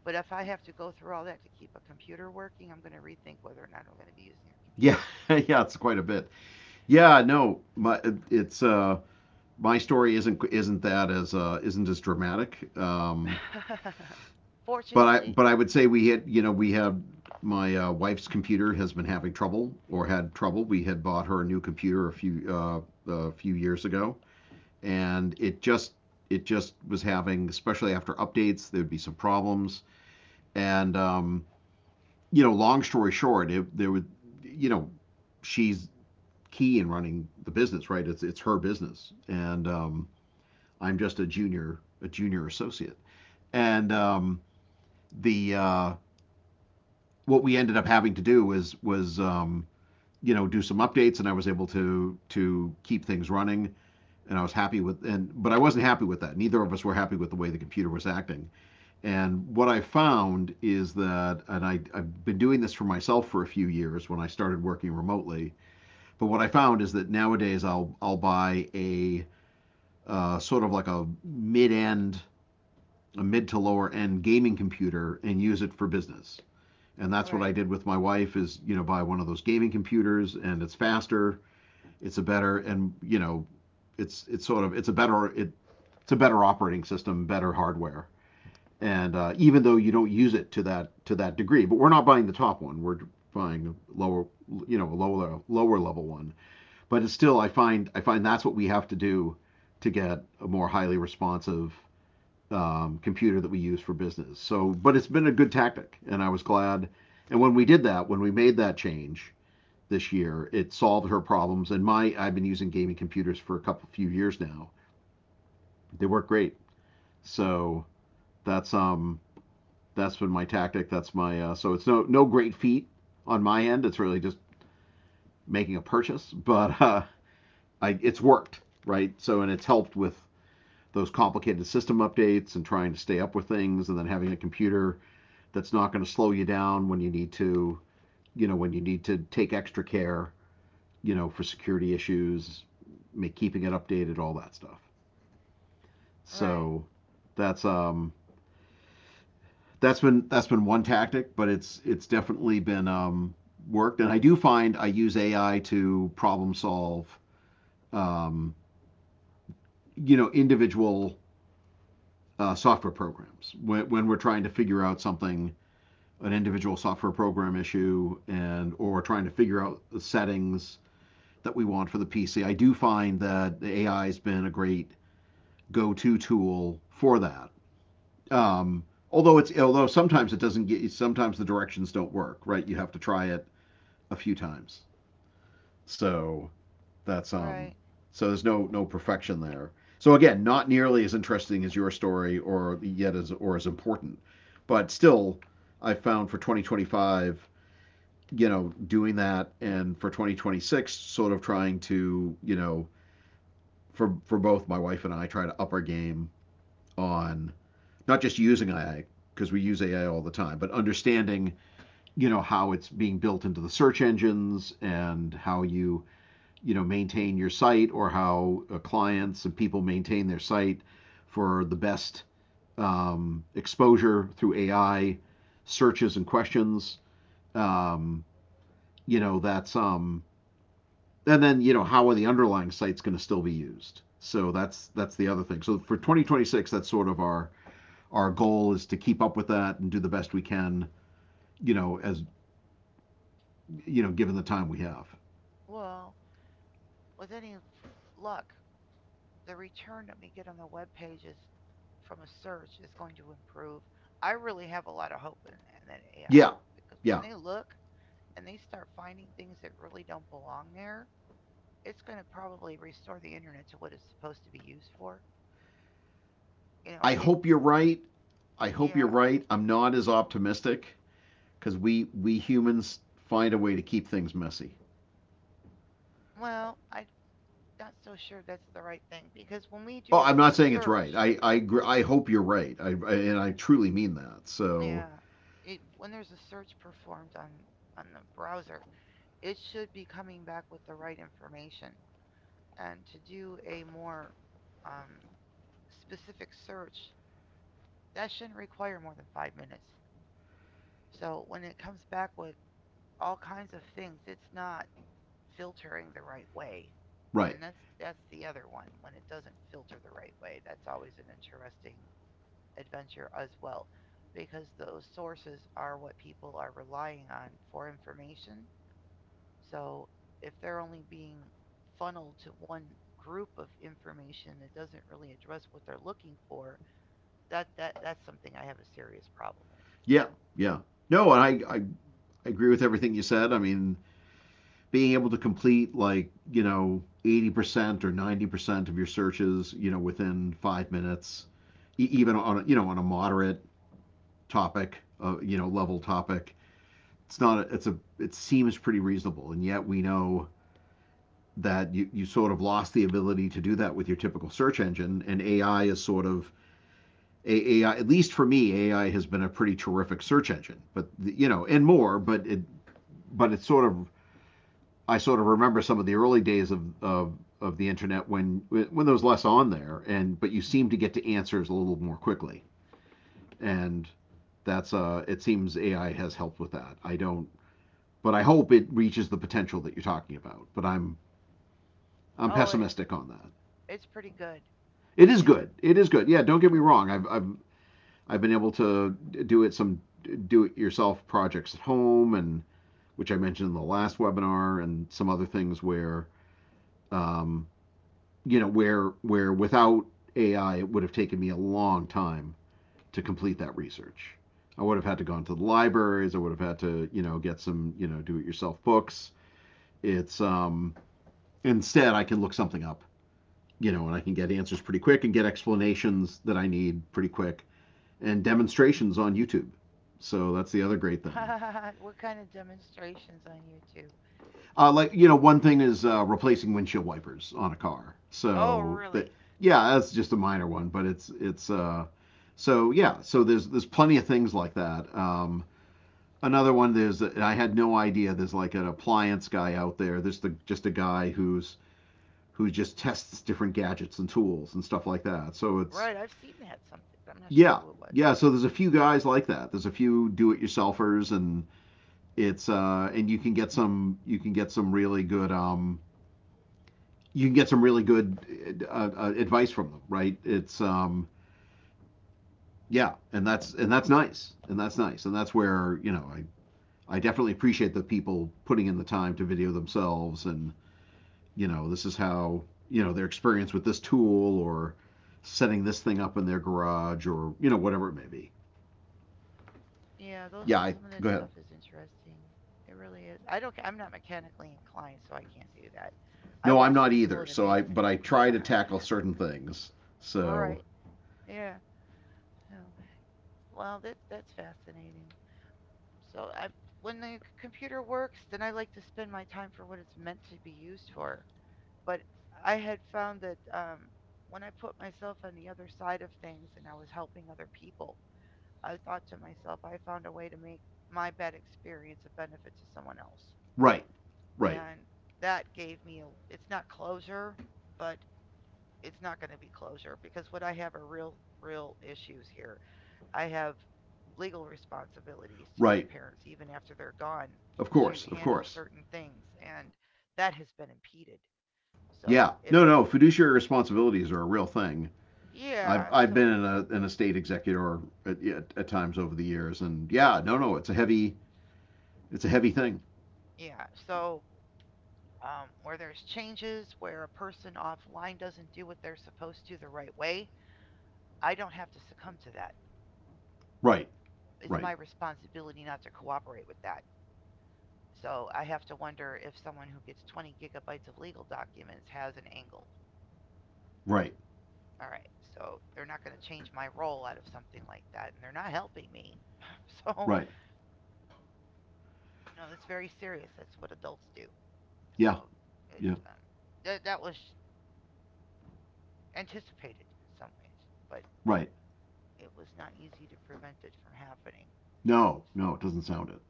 But if I have to go through all that to keep a computer working, I'm going to rethink whether or not I'm going to be using a
Yeah. Yeah. It's quite a bit. Yeah. No. It's uh my story isn't that as isn't as dramatic.
computer.
But
Fortunately,
I would say we had we had my wife's computer has been having trouble or had trouble. We had bought her a new computer a few years ago, and it just was having, especially after updates, there would be some problems. And long story short, there would you know she's key in running the business, right? It's her business, and I'm just a junior associate, and the what we ended up having to do was do some updates, and I was able to keep things running, and I was happy with and but I wasn't happy with that. Neither of us were happy with the way the computer was acting. And what I found is that, and I I've been doing this for myself for a few years when I started working remotely. But what I found is that nowadays I'll buy a sort of like a mid to lower end gaming computer and use it for business, and that's what I
right,
did with my wife, is buy one of those gaming computers, and it's faster, it's a better and it's sort of it's a better it's a better operating system, better hardware, and even though you don't use it to that degree, but we're not buying the top one, we're buying a lower, a lower level one, but it's still, I find that's what we have to do to get a more highly responsive computer that we use for business. So, but it's been a good tactic, and I was glad. And when we did that, when we made that change this year, it solved her problems. And my, I've been using gaming computers for a couple few years now. They work great. So that's um, that's been my tactic. That's my so it's no no great feat on my end. It's really just making a purchase, but I it's worked right. So and it's helped with those complicated system updates and trying to stay up with things, and then having a computer that's not going to slow you down when you need to, you know, when you need to take extra care, you know, for security issues, make keeping it updated, all that stuff.
right,
So that's that's been one tactic, but it's definitely been worked, and I do find I use AI to problem solve, um individual software programs when we're trying to figure out something, an individual software program issue, and or trying to figure out the settings that we want for the PC. I do find that the AI has been a great go-to tool for that. Um, although sometimes it doesn't get, sometimes the directions don't work, right? You have to try it a few times. So that's
right.
so there's no no perfection there. So again, not nearly as interesting as your story or yet as or as important. But still, I found for 2025, you know, doing that, and for 2026 sort of trying to, you know, for both my wife and I, try to up our game on not just using AI, because we use AI all the time, but understanding, how it's being built into the search engines and how you, you know maintain your site, or how clients and people maintain their site for the best exposure through AI searches and questions. Um, you know, that's and then, you know, how are the underlying sites going to still be used? So that's the other thing. So for 2026, that's sort of our goal is to keep up with that and do the best we can. You know, as you know, given the time we have.
Well, with any luck, the return that we get on the web pages from a search is going to improve. I really have a lot of hope in that AI
Yeah,
because when
yeah.
they look and they start finding things that really don't belong there, it's going to probably restore the internet to what it's supposed to be used for. You know,
I
it,
hope you're right. I hope you're
yeah,
right. I'm not as optimistic because we humans find a way to keep things messy.
well, I'm not so sure that's the right thing because when we
Oh,
do
I'm not
a
saying it's right.
search,
I hope you're right. I and I truly mean that. So
yeah, it, when there's a search performed on the browser, it should be coming back with the right information. And to do a more um, specific search, that shouldn't require more than 5 minutes. So when it comes back with all kinds of things, it's not filtering the right way.
right.
And that's the other one when it doesn't filter the right way. That's always an interesting adventure as well because those sources are what people are relying on for information. So if they're only being funneled to one group of information that doesn't really address what they're looking for, that that's something I have a serious problem with.
Yeah. Yeah. No, and I agree with everything you said. I mean, being able to complete, like, you know, 80% or 90% of your searches, you know, within 5 minutes, e- even on, a- you know, on a moderate topic, you know, level topic, it's not, a, it's a, it seems pretty reasonable. And yet we know that you sort of lost the ability to do that with your typical search engine. And AI is sort of, AI, at least for me, AI has been a pretty terrific search engine, but, you know, and more, but but it's sort of I sort of remember some of the early days of, of the internet when there was less on there, and but you seem to get to answers a little more quickly, and that's it seems AI has helped with that. I don't, but I hope it reaches the potential that you're talking about. But I'm
Oh, it,
pessimistic on that.
it's pretty good.
It is
It's
good. It is good. Yeah, don't get me wrong. I've been able to do it some do it yourself projects at home, and which I mentioned in the last webinar, and some other things where um, you know, where without AI it would have taken me a long time to complete that research. I would have had to go into the libraries. I would have had to, you know, get some, you know, do it yourself books. It's instead I can look something up, you know, and I can get answers pretty quick and get explanations that I need pretty quick, and demonstrations on YouTube. So that's the other great thing.
what kind of demonstrations on YouTube?
Like, you know, one thing is replacing windshield wipers on a car.
Oh,
So
really?
that, yeah, that's just a minor one, but it's so yeah. So there's plenty of things like that. Another one, there's, I had no idea there's like an appliance guy out there. There's the just a guy who just tests different gadgets and tools and stuff like that. So it's
Right, I've seen that something, but I'm not sure
yeah,
who it was.
yeah. so there's a few guys like that. There's a few do-it-yourselfers and it's and you can get some really good you can get some really good advice from them, right? It's yeah, and that's nice, and that's nice, and that's where I definitely appreciate the people putting in the time to video themselves, and this is how their experience with this tool or setting this thing up in their garage or whatever it may be.
Yeah, those
Yeah,
some of that
go ahead.
stuff is interesting. It really is. I don't. I'm not mechanically inclined, so I can't do that. I
No, I'm
watch
not
people
either.
in
So I
amazement.
but I try to tackle certain things. So
Right. Yeah. Yeah. Well, that's fascinating. So I, when the computer works, then I like to spend my time for what it's meant to be used for. But I had found that when I put myself on the other side of things and I was helping other people, I thought to myself, I found a way to make my bad experience a benefit to someone else.
right, right,
And that gave me a, it's not closure, but it's not going to be closure because what I have are real, real issues here. I have legal responsibilities to my
right.
parents, even after they're gone,
Of
to
course, of
handle
course.
certain things. And that has been impeded.
Yeah,
So it,
no, no. Fiduciary responsibilities are a real thing. I've
yeah,
I've
so,
been in a an estate executor at times over the years, and yeah, no, no. It's a heavy thing.
yeah, so where there's changes, where a person offline doesn't do what they're supposed to the right way, I don't have to succumb to that.
Right,
It's my
right,
responsibility not to cooperate with that. So I have to wonder if someone who gets 20 gigabytes of legal documents has an angle.
right,
All right, so they're not going to change my role out of something like that, and they're not helping me. So,
right.
that's very serious. That's what adults do.
Yeah,
So it
yeah,
that that was anticipated in some ways, but
right.
it was not easy to prevent it from happening.
No, no, it doesn't sound it.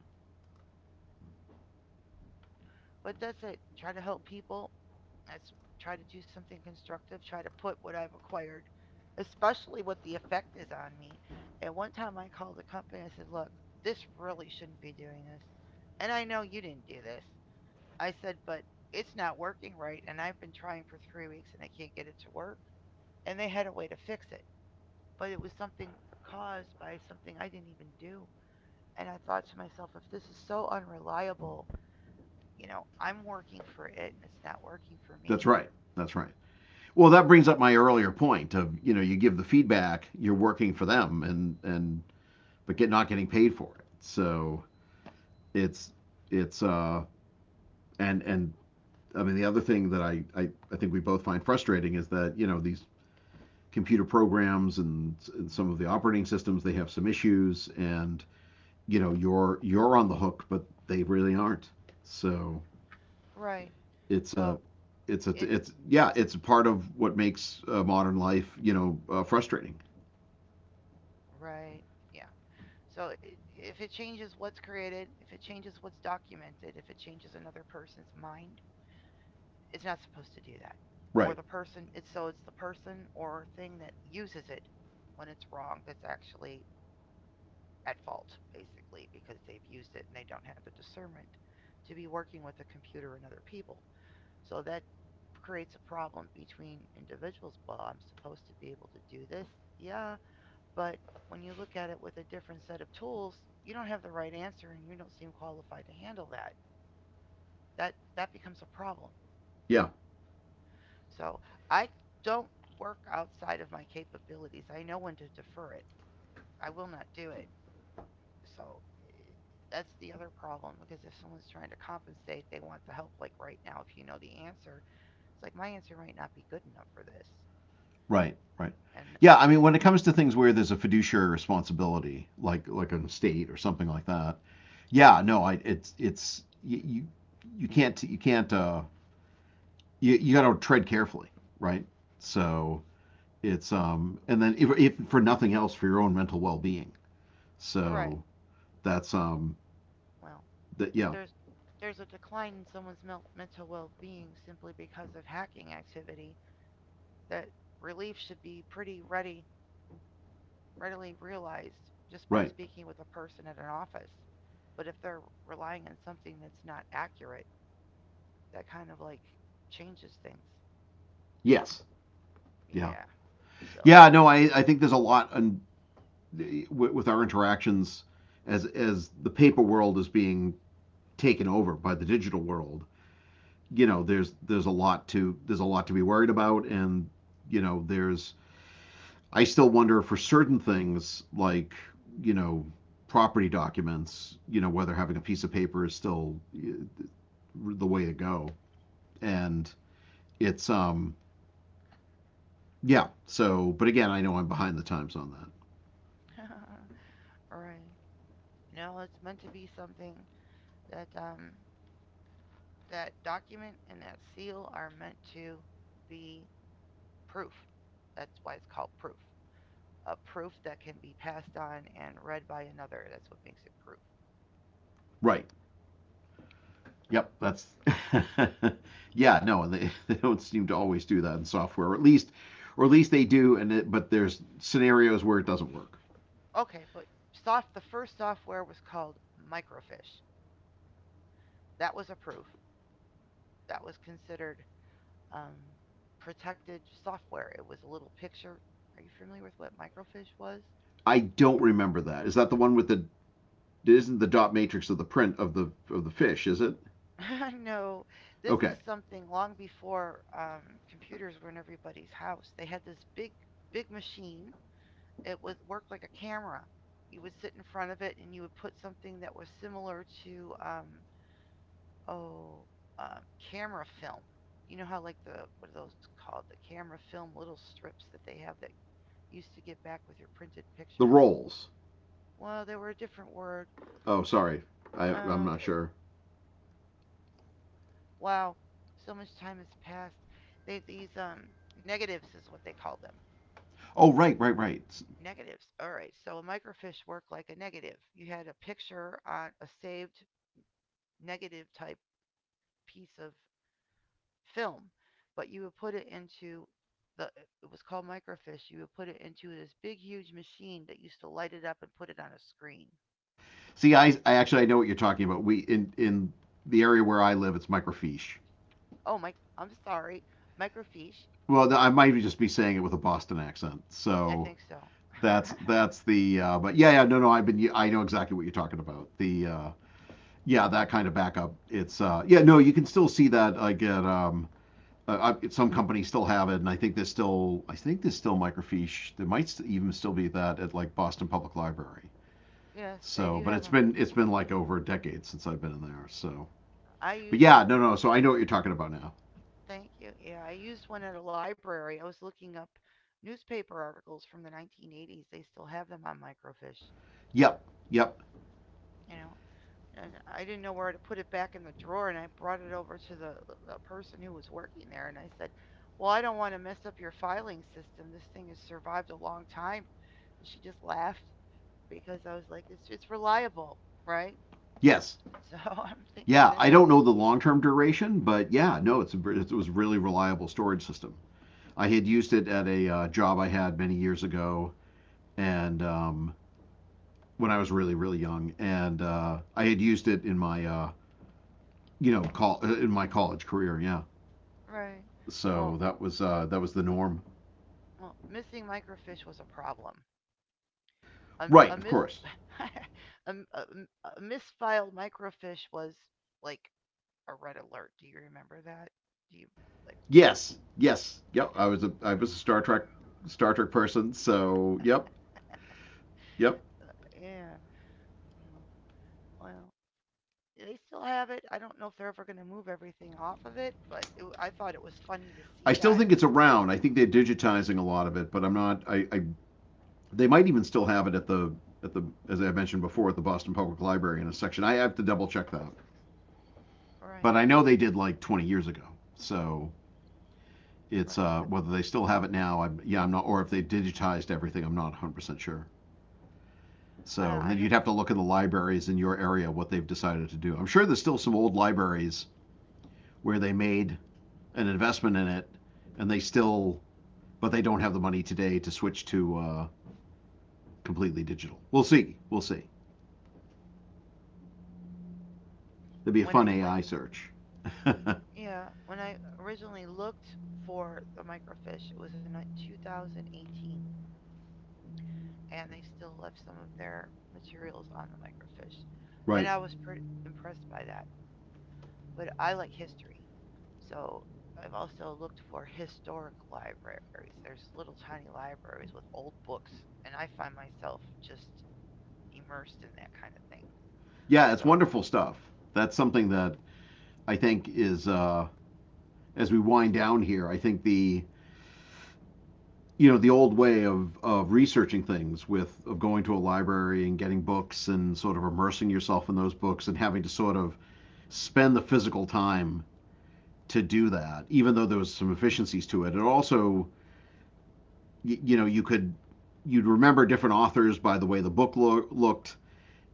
But that's it. Try to help people. Let's try to do something constructive. Try to put what I've acquired, especially what the effect is on me. At one time, I called a company. I said, "Look, this really shouldn't be doing this," and I know you didn't do this. I said, "But it's not working right, and I've been trying for 3 weeks, and I can't get it to work." And they had a way to fix it, but it was something caused by something I didn't even do. And I thought to myself, if this is so unreliable, you know, I'm working for it and it's not working for
That's
me.
right. That's right. Well, that brings up my earlier point of you give the feedback, you're working for them, and but get not getting paid for it. So it's it's and I mean, the other thing that I think we both find frustrating is that, you know, these computer programs and some of the operating systems, they have some issues and, you know, you're on the hook, but they really aren't. So
Right.
it's a,
So it
yeah, it's a part of what makes modern life, you know, frustrating.
right, yeah. So I if it changes what's created, if it changes what's documented, if it changes another person's mind, it's not supposed to do that. Or
Right.
the person, it's so it's the person or thing that uses it when it's wrong that's actually at fault basically because they've used it and they don't have the discernment to be working with a computer and other people. So that creates a problem between individuals. Well, I'm supposed to be able to do this. Yeah, but when you look at it with a different set of tools, you don't have the right answer and you don't seem qualified to handle that. That becomes a problem.
Yeah.
So, I don't work outside of my capabilities. I know when to defer it. I will not do it. So, eh, that's the other problem because if someone's trying to compensate, they want the help like right now if you know the answer. It's like my answer might not be good enough for this.
Right, right.
And
Yeah, I mean, when it comes to things where there's a fiduciary responsibility, like an estate or something like that, yeah, no, I it's you can't you got to tread carefully, right? So it's and then if for nothing else for your own mental well-being.
right.
So that's
Well,
that
if
yeah,
there's if there's a decline in someone's mental well-being simply because of hacking activity, that relief should be pretty ready readily realized just by
right.
speaking with a person at an office. But if they're relying on something that's not accurate, that kind of like changes things.
Yes. Yeah.
Yeah. So,
Yeah, no, I think there's a lot on with our interactions as the paper world is being taken over by the digital world, you know, there's a lot to be worried about, and you know, there's I still wonder for certain things like you know property documents, you know, whether having a piece of paper is still the way to go, and it's yeah. So, but again, I know I'm behind the times on that.
all right. No, it's meant to be something that that document and that seal are meant to be proof. That's why it's called proof. A proof that can be passed on and read by another. That's what makes it proof.
Right. Yep, that's yeah, no, and they don't seem to always do that in software, or at least they do, and it, but there's scenarios where it doesn't work.
Okay, but soft the first software was called Microfiche. That was a proof. That was considered um, protected software. It was a little picture. Are you familiar with what microfiche was?
I don't remember that. Is that the one with the? It isn't the dot matrix of the print of the fish, is it?
No, this
Okay,
is something long before computers were in everybody's house. They had this big, big machine. It was worked like a camera. You would sit in front of it and you would put something that was similar to oh um, camera film. You know how like the what are those called? The camera film little strips that they have that used to get back with your printed
the
pictures.
rolls.
Well, they were a different word.
Oh, sorry, I'm
Uh,
not sure.
wow, so much time has passed. They these negatives is what they called them.
Oh, right, right, right.
Negatives. All right. So a microfiche worked like a negative. You had a picture on a saved negative type piece of film, but you would put it into the, it was called microfiche. You would put it into this big huge machine that used to light it up and put it on a screen.
See, I actually I know what you're talking about. We in the area where I live, it's microfiche.
Oh my, I'm sorry, microfiche.
Well, I might just be saying it with a Boston accent,
I
so
think so.
that's the but yeah yeah no no I've been I know exactly what you're talking about the yeah that kind of backup it's yeah no you can still see that like at some companies still have it and I think there's still microfiche there might even still be that at like Boston Public Library
Yes, they do
so but
have them.
it's been like over a decade since I've been in there so
I
but
used
yeah
a
no no so I know what you're talking about now
thank you. Yeah, I used one at a library. I was looking up newspaper articles from the 1980s. They still have them on microfiche.
yep yep
You know, and I didn't know where to put it back in the drawer. And I brought it over to the person who was working there, and I said, "Well, I don't want to mess up your filing system. This thing has survived a long time." And she just laughed because I was like, "It's reliable, right?"
yes
So I'm thinking
yeah
that's
I
a
don't know the long term duration but yeah no it's a, it was a really reliable storage system I had used it at a job I had many years ago, and when I was really really young, and I had used it in my you know in my college career. Yeah,
right.
so
Well,
that was the norm.
well, missing microfiche was a problem.
Right,
A
of
mis
course.
a, a, a misfiled microfiche was like a red alert. Do you remember that? Do you like
Yes, yes, yep. I was a Star Trek person, so yep, yep.
yeah? Well, they still have it. I don't know if they're ever going to move everything off of it, but I thought it was funny to
I
see
still
that.
think it's around. I think they're digitizing a lot of it, but I'm not. I they might even still have it at the as I mentioned before at the Boston Public Library in a section. I have to double check that.
Right,
But I know they did like 20 years ago. So it's
right.
whether they still have it now. Yeah, I'm not, or if they digitized everything, I'm not 100% sure.
I
So and then
hope
you'd have to look at the libraries in your area what they've decided to do. I'm sure there's still some old libraries where they made an investment in it, and they still, but they don't have the money today to switch to completely digital. We'll see. We'll see. It'd
when
be a
I
fun
went,
AI search.
yeah, when I originally looked for the microfiche, it was in 2018, and they still left some of their materials on the microfiche, and I
right.
was pretty impressed by that. But I like history. So I've also looked for historic libraries. There's little tiny libraries with old books, and I find myself just immersed in that kind of thing.
Yeah, it's
So,
wonderful stuff. That's something that I think is. As we wind down here, I think the you know the old way of researching things with of going to a library and getting books and sort of immersing yourself in those books and having to sort of spend the physical time to do that even though there was some efficiencies to it it also you know you'd remember different authors by the way the book looked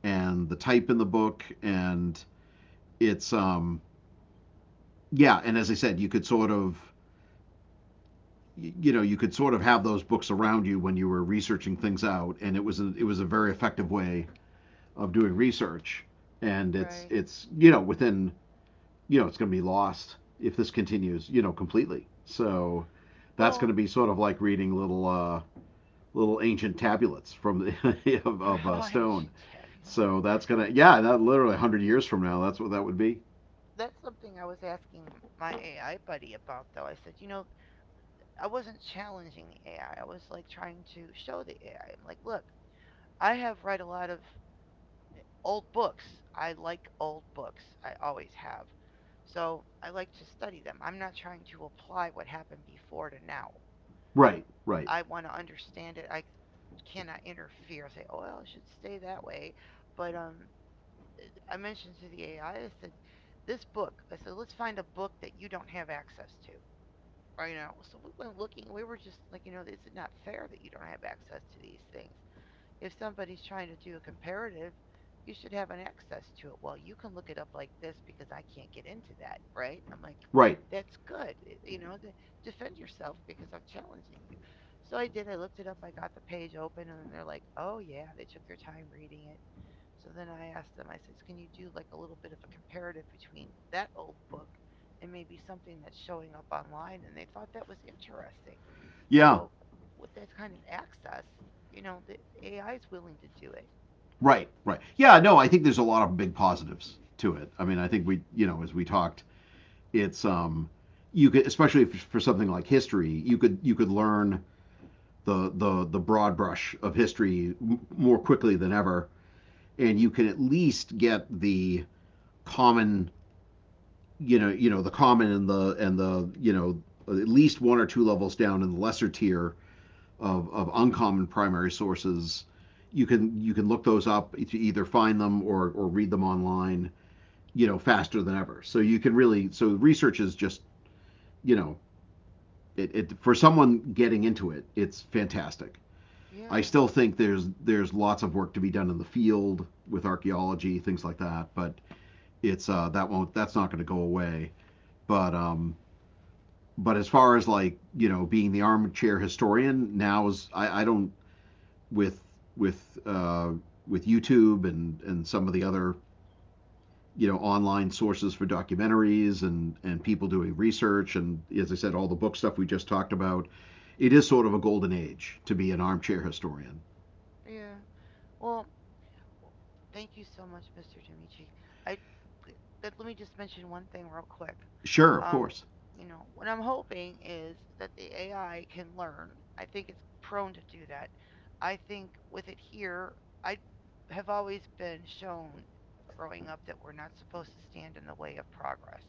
and the type in the book and it's yeah and as I said you could sort of you know you could sort of have those books around you when you were researching things out and it was a very effective way of doing research and
right.
it's you know within you know it's going to be lost if this continues you know completely so that's going to
Well,
be sort of like reading little little ancient tabulets from the of
how
stone
ancient tabulates.
so that's going to yeah that literally 100 years from now that's what that would be
That's something I was asking my AI buddy about, though. I said, you know, I wasn't challenging the AI. I was like trying to show the AI. I'm like, look, I have read a lot of old books. I like old books. I always have. So I like to study them. I'm not trying to apply what happened before to now.
right right
I want to understand it. I cannot interfere. Say, oh, well, it should stay that way. But I mentioned to the AI, I said, this book. I said, let's find a book that you don't have access to. Or, you know, so we went looking. We were just like, you know, this is not fair that you don't have access to these things. If somebody's trying to do a comparative, you should have an access to it. Well, you can look it up like this because I can't get into that, right? I'm like,
right
that's good. You know, defend yourself because I'm challenging you. So I did. I looked it up. I got the page open, and they're like, oh, yeah, they took their time reading it. So then I asked them, I said, can you do like a little bit of a comparative between that old book and maybe something that's showing up online? And they thought that was interesting.
yeah
So with that kind of access, you know, the AI is willing to do it.
Right, right. Yeah, no, I think there's a lot of big positives to it. I mean, I think we, you know, as we talked, it's you could especially if, for something like history, you could learn the broad brush of history more quickly than ever and you can at least get the common, you know, the common you know, at least one or two levels down in the lesser tier of uncommon primary sources. You can look those up, either find them or read them online you know, faster than ever. So you can really, so research is just, you know, it for someone getting into it, it's fantastic. I
Yeah,
still think there's lots of work to be done in the field with archaeology, things like that. But it's that won't that's not going to go away. But um, but as far as like you know being the armchair historian now is I don't with with uh, with YouTube and some of the other you know online sources for documentaries and people doing research and as I said all the book stuff we just talked about. It is sort of a golden age to be an armchair historian.
yeah. Well, thank you so much, Mr. Demichi. I let me just mention one thing real quick.
Sure, of
Um,
course.
you know, what I'm hoping is that the AI can learn. I think it's prone to do that. I think with it here, I have always been shown growing up that we're not supposed to stand in the way of progress.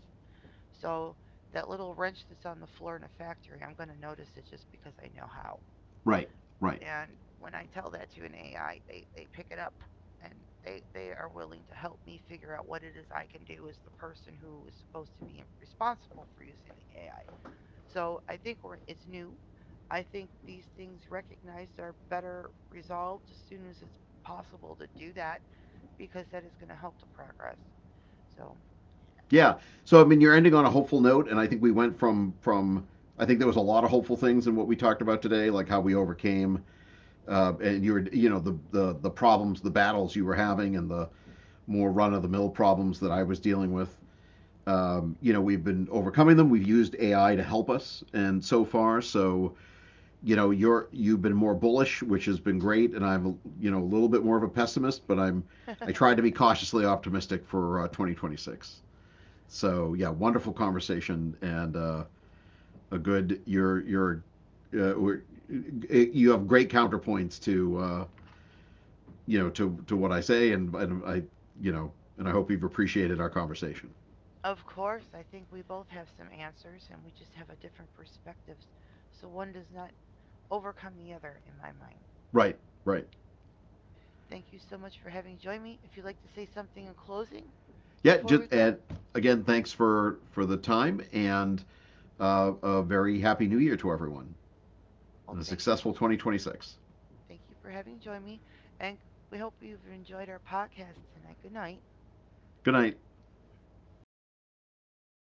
So that little wrench that's on the floor in a factory, I'm going to notice it just because I know how.
Right, right.
And when I tell that to an AI, they pick it up and they are willing to help me figure out what it is I can do as the person who is supposed to be responsible for using the AI. So I think we're, it's new. I think these things recognized are better resolved as soon as it's possible to do that because that is going to help the progress. So I.
Yeah. So I mean, you're ending on a hopeful note, and I think we went from I think there was a lot of hopeful things in what we talked about today, like how we overcame and you were you know the problems, the battles you were having, and the more run of the mill problems that I was dealing with. You know we've been overcoming them we've used AI to help us and so far so you know you've been more bullish which has been great and I'm you know a little bit more of a pessimist but I'm I tried to be cautiously optimistic for 2026 so yeah wonderful conversation and a good uh, we're, you have great counterpoints to you know to what I say and I you know and I hope you've appreciated our conversation
Of course, I think we both have some answers and we just have a different perspectives, so one does not overcome the other in my mind.
right right
Thank you so much for having joined me. If you'd like to say something in closing
yeah,
before
just
we go,
and again, thanks for the time and a very happy New Year to everyone
oh,
and a
thank you.
successful 2026.
Thank you for having joined me, and we hope you've enjoyed our podcast tonight. Good night.
Good night.